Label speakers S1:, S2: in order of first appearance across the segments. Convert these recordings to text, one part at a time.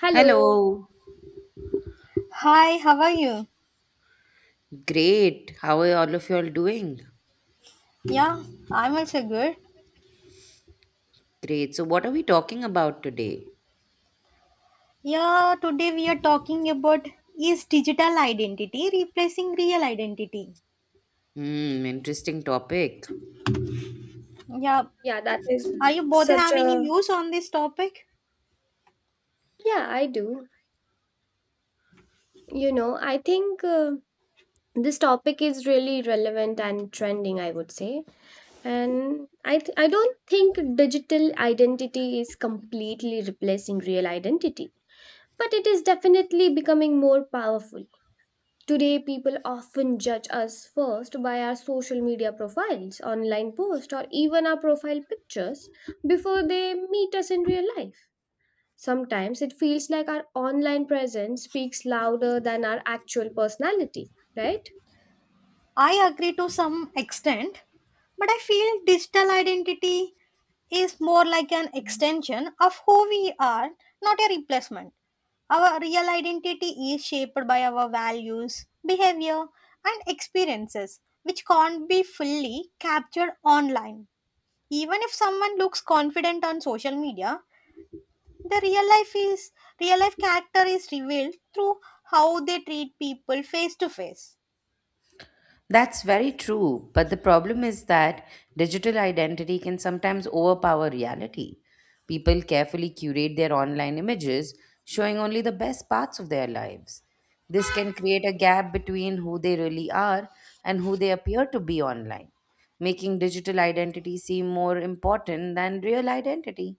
S1: Hello.
S2: Hello.
S3: Hi, how are you?
S2: Great. How are all of you all doing?
S3: Yeah, I'm also good.
S2: Great. So, what are we talking about today?
S3: Yeah, today we are talking about is digital identity replacing real identity?
S2: Hmm, interesting topic.
S3: Yeah,
S1: Yeah, that is
S3: are you both
S1: such
S3: having
S1: a.
S3: views on this topic?
S1: Yeah, I do. You know, I think this topic is really relevant and trending, I would say. And I don't think digital identity is completely replacing real identity, but it is definitely becoming more powerful. Today, people often judge us first by our social media profiles, online posts, or even our profile pictures before they meet us in real life. Sometimes it feels like our online presence speaks louder than our actual personality, right?
S3: I agree to some extent, but I feel digital identity is more like an extension of who we are, not a replacement. Our real identity is shaped by our values, behavior, and experiences, which can't be fully captured online. Even if someone looks confident on social media, the real life is real life character is revealed through how they treat people face to face.
S2: That's very true. But the problem is that digital identity can sometimes overpower reality. People carefully curate their online images, showing only the best parts of their lives. This can create a gap between who they really are and who they appear to be online, making digital identity seem more important than real identity.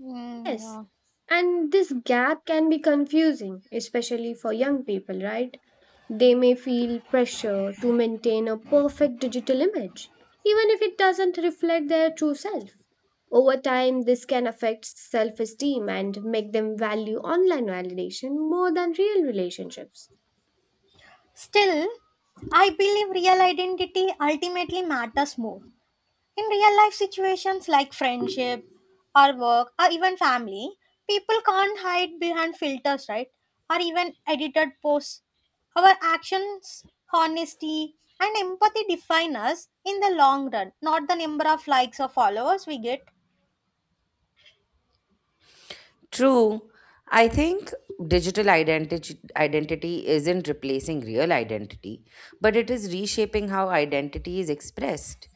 S3: Mm,
S1: Yes.
S3: yeah.
S1: And this gap can be confusing, especially for young people, right? They may feel pressure to maintain a perfect digital image, even if it doesn't reflect their true self. Over time, this can affect self esteem and make them value online validation more than real relationships.
S3: Still, I believe real identity ultimately matters more. In real life situations like friendship or work or even family, people can't hide behind filters, right? Or even edited posts. Our actions, honesty, and empathy define us in the long run, not the number of likes or followers we get.
S2: True. I think digital identity isn't replacing real identity, but it is reshaping how identity is expressed.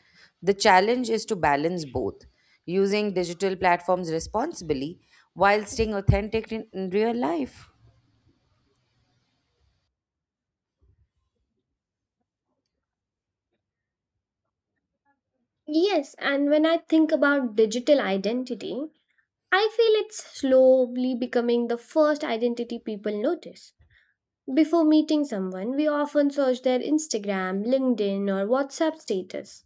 S2: The challenge is to balance both, using digital platforms responsibly while staying authentic in real life.
S1: Yes, and when I think about digital identity, I feel it's slowly becoming the first identity people notice. Before meeting someone, we often search their Instagram, LinkedIn, or WhatsApp status.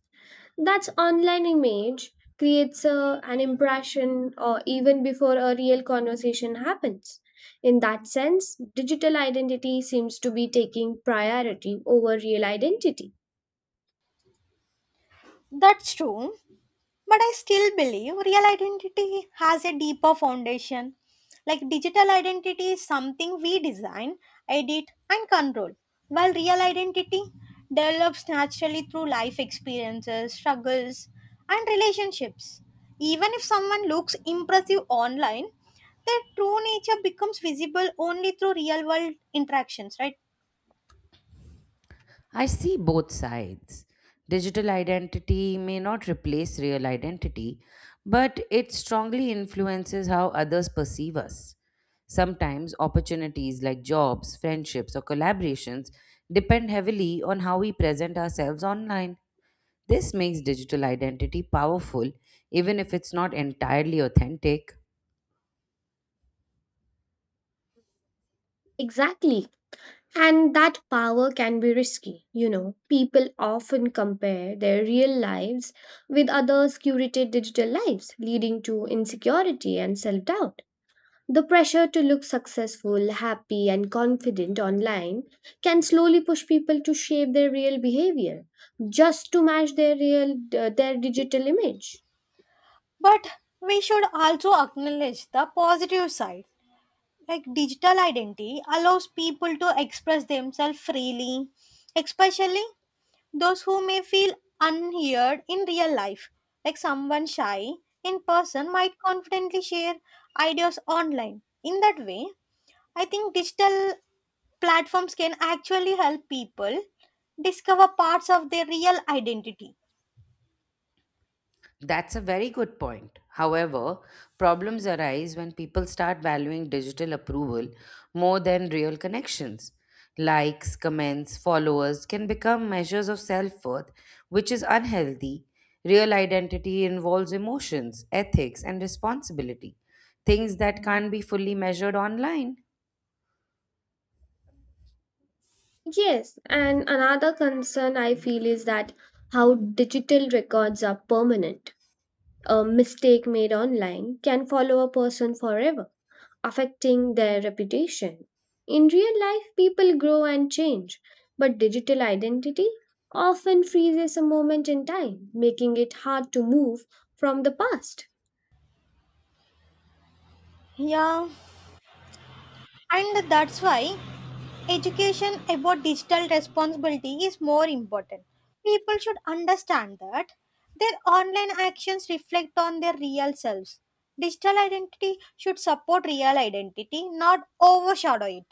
S1: That's online image creates an impression or even before a real conversation happens. In that sense, digital identity seems to be taking priority over real identity.
S3: That's true. But I still believe real identity has a deeper foundation. Like digital identity is something we design, edit, and control, while real identity develops naturally through life experiences, struggles, and relationships. Even if someone looks impressive online, their true nature becomes visible only through real world interactions, right?
S2: I see both sides. Digital identity may not replace real identity, but it strongly influences how others perceive us. Sometimes opportunities like jobs, friendships, or collaborations depend heavily on how we present ourselves online. This makes digital identity powerful, even if it's not entirely authentic.
S1: Exactly. And that power can be risky. You know, people often compare their real lives with others' curated digital lives, leading to insecurity and self doubt. The pressure to look successful, happy, and confident online can slowly push people to shape their real behavior just to match their digital image.
S3: But we should also acknowledge the positive side, like digital identity allows people to express themselves freely, especially those who may feel unheard in real life. Like someone shy in person might confidently share ideas online. In that way, I think digital platforms can actually help people discover parts of their real identity.
S2: That's a very good point. However, problems arise when people start valuing digital approval more than real connections. Likes, comments, followers can become measures of self worth, which is unhealthy. Real identity involves emotions, ethics, and responsibility, things that can't be fully measured online.
S1: Yes, and another concern I feel is that how digital records are permanent. A mistake made online can follow a person forever, affecting their reputation. In real life, people grow and change, but digital identity often freezes a moment in time, making it hard to move from the past.
S3: Yeah, and that's why education about digital responsibility is more important. People should understand that their online actions reflect on their real selves. Digital identity should support real identity, not overshadow it.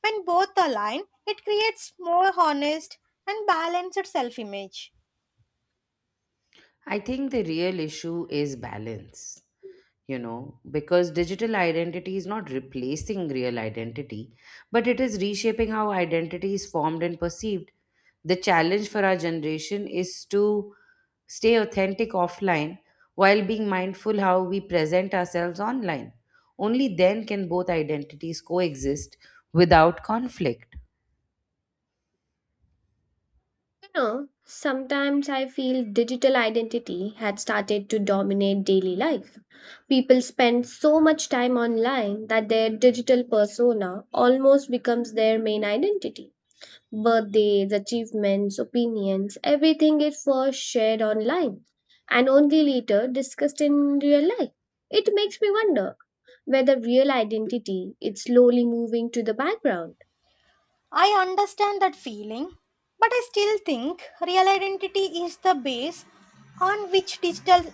S3: When both align, it creates more honest and balanced self image.
S2: I think the real issue is balance. You know, because digital identity is not replacing real identity, but it is reshaping how identity is formed and perceived. The challenge for our generation is to stay authentic offline while being mindful how we present ourselves online. Only then can both identities coexist without conflict.
S1: You know, sometimes I feel digital identity had started to dominate daily life. People spend so much time online that their digital persona almost becomes their main identity. Birthdays, achievements, opinions, everything is first shared online and only later discussed in real life. It makes me wonder whether real identity is slowly moving to the background.
S3: I understand that feeling, but I still think real identity is the base on which digital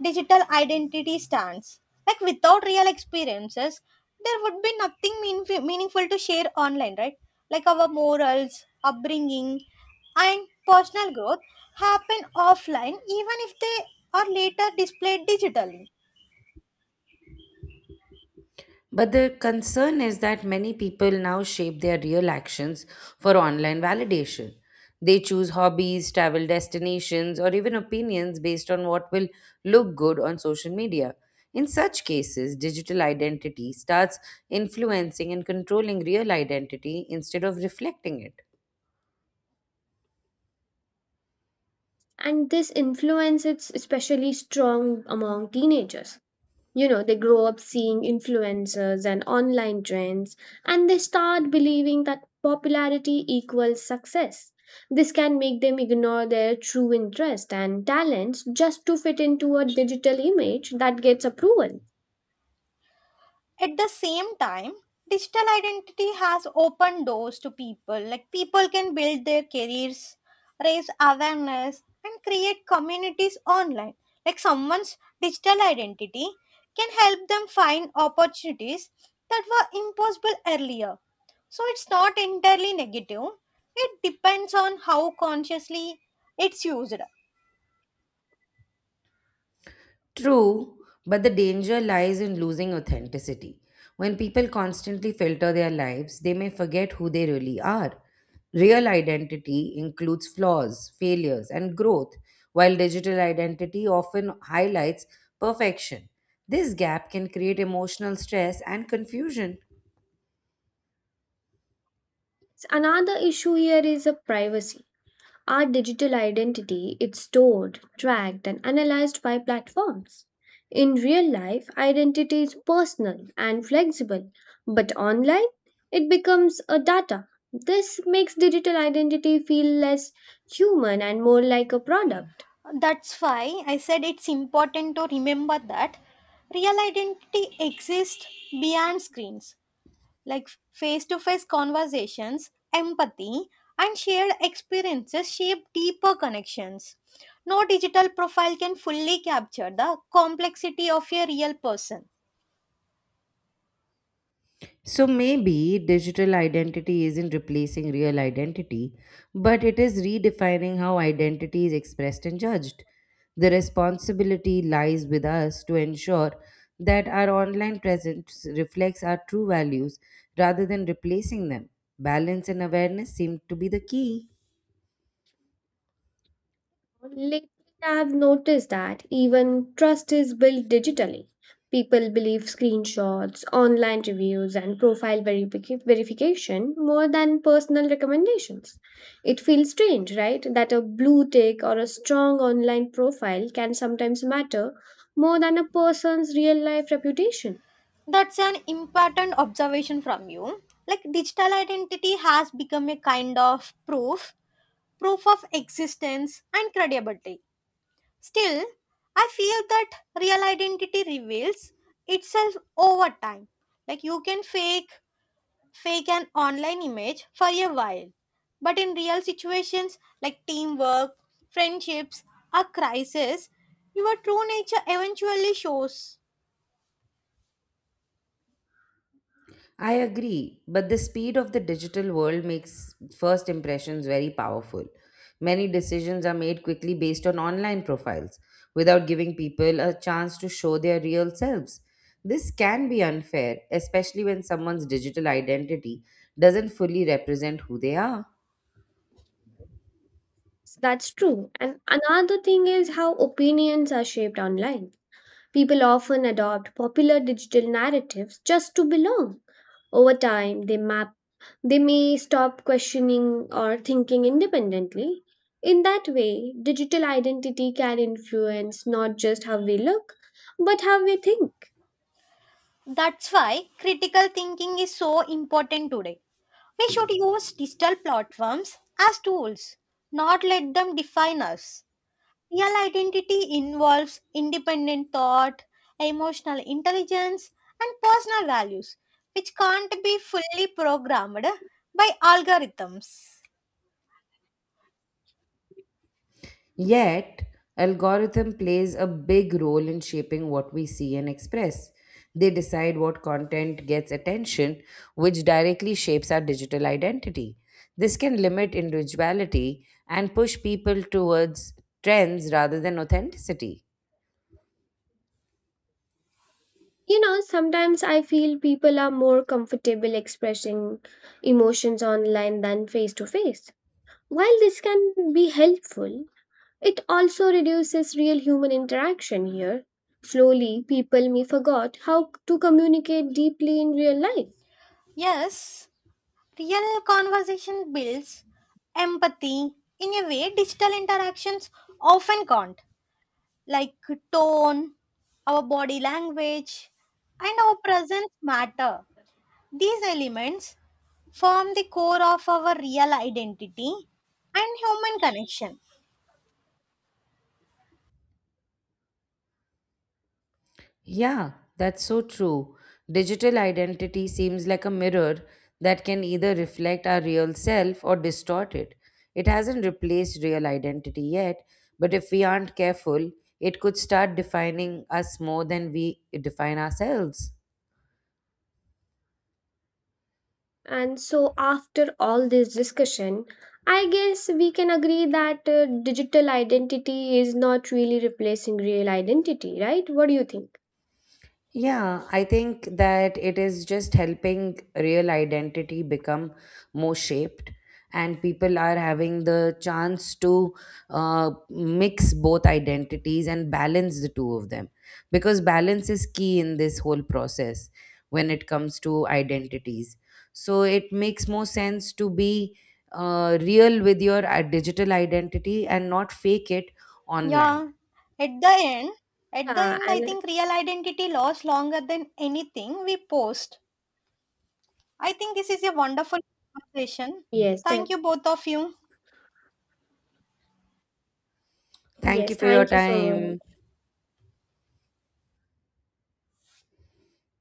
S3: digital identity stands. Like without real experiences, there would be nothing meaningful to share online, right? Like our morals, upbringing, and personal growth happen offline even if they are later displayed digitally.
S2: But the concern is that many people now shape their real actions for online validation. They choose hobbies, travel destinations, or even opinions based on what will look good on social media. In such cases, digital identity starts influencing and controlling real identity instead of reflecting it.
S1: And this influence is especially strong among teenagers. You know, they grow up seeing influencers and online trends, and they start believing that popularity equals success. This can make them ignore their true interest and talents just to fit into a digital image that gets approval.
S3: At the same time, digital identity has opened doors to people. Like people can build their careers, raise awareness, and create communities online. Like someone's digital identity can help them find opportunities that were impossible earlier. So it's not entirely negative. It depends on how consciously it's used.
S2: True, but the danger lies in losing authenticity. When people constantly filter their lives, they may forget who they really are. Real identity includes flaws, failures, and growth, while digital identity often highlights perfection. This gap can create emotional stress and confusion.
S1: Another issue here is a privacy. Our digital identity is stored, tracked, and analyzed by platforms. In real life, identity is personal and flexible, but online, it becomes a data. This makes digital identity feel less human and more like a product.
S3: That's why I said it's important to remember that real identity exists beyond screens, like face to face conversations, empathy, and shared experiences shape deeper connections. No digital profile can fully capture the complexity of a real person.
S2: So maybe digital identity isn't replacing real identity, but it is redefining how identity is expressed and judged. The responsibility lies with us to ensure that our online presence reflects our true values rather than replacing them. Balance and awareness seem to be the key.
S1: Lately, I've noticed that even trust is built digitally. People believe screenshots, online reviews, and verification more than personal recommendations. It feels strange, right, that a blue tick or a strong online profile can sometimes matter more than a person's real life reputation.
S3: That's an important observation from you. Like digital identity has become a kind of proof, proof of existence and credibility. Still, I feel that real identity reveals itself over time. Like you can fake an online image for a while, but in real situations like teamwork, friendships, or crisis, your true nature eventually shows.
S2: I agree, but the speed of the digital world makes first impressions very powerful. Many decisions are made quickly based on online profiles without giving people a chance to show their real selves. This can be unfair, especially when someone's digital identity doesn't fully represent who they are.
S1: That's true. And another thing is how opinions are shaped online. People often adopt popular digital narratives just to belong. Over time, they may stop questioning or thinking independently. In that way, digital identity can influence not just how we look, but how we think.
S3: That's why critical thinking is so important today. We should use digital platforms as tools, not let them define us. Real identity involves independent thought, emotional intelligence, and personal values, which can't be fully programmed by algorithms.
S2: Yet, algorithm plays a big role in shaping what we see and express. They decide what content gets attention, which directly shapes our digital identity. This can limit individuality and push people towards trends rather than authenticity.
S1: You know, sometimes I feel people are more comfortable expressing emotions online than face to face. While this can be helpful, it also reduces real human interaction here. Slowly, people may forgot how to communicate deeply in real life.
S3: Yes, real conversation builds empathy in a way digital interactions often can't, like tone, our body language, and our presence matter. These elements form the core of our real identity and human connection.
S2: Yeah, that's so true. Digital identity seems like a mirror that can either reflect our real self or distort it. It hasn't replaced real identity yet, but if we aren't careful, it could start defining us more than we define ourselves.
S1: And so, after all this discussion, I guess we can agree that digital identity is not really replacing real identity, right? What do you think?
S2: Yeah, I think that it is just helping real identity become more shaped, and people are having the chance to mix both identities and balance the two of them. Because balance is key in this whole process when it comes to identities. So it makes more sense to be real with your digital identity and not fake it online.
S3: Yeah, at the end, at the
S1: Yeah,
S3: end, I
S1: and
S3: think real identity lasts longer than anything we post. I think this is a wonderful conversation.
S1: yes,
S3: Thank
S1: definitely.
S3: you, both of you.
S2: Thank
S1: Yes,
S2: you for your
S1: thank you so much.
S2: time.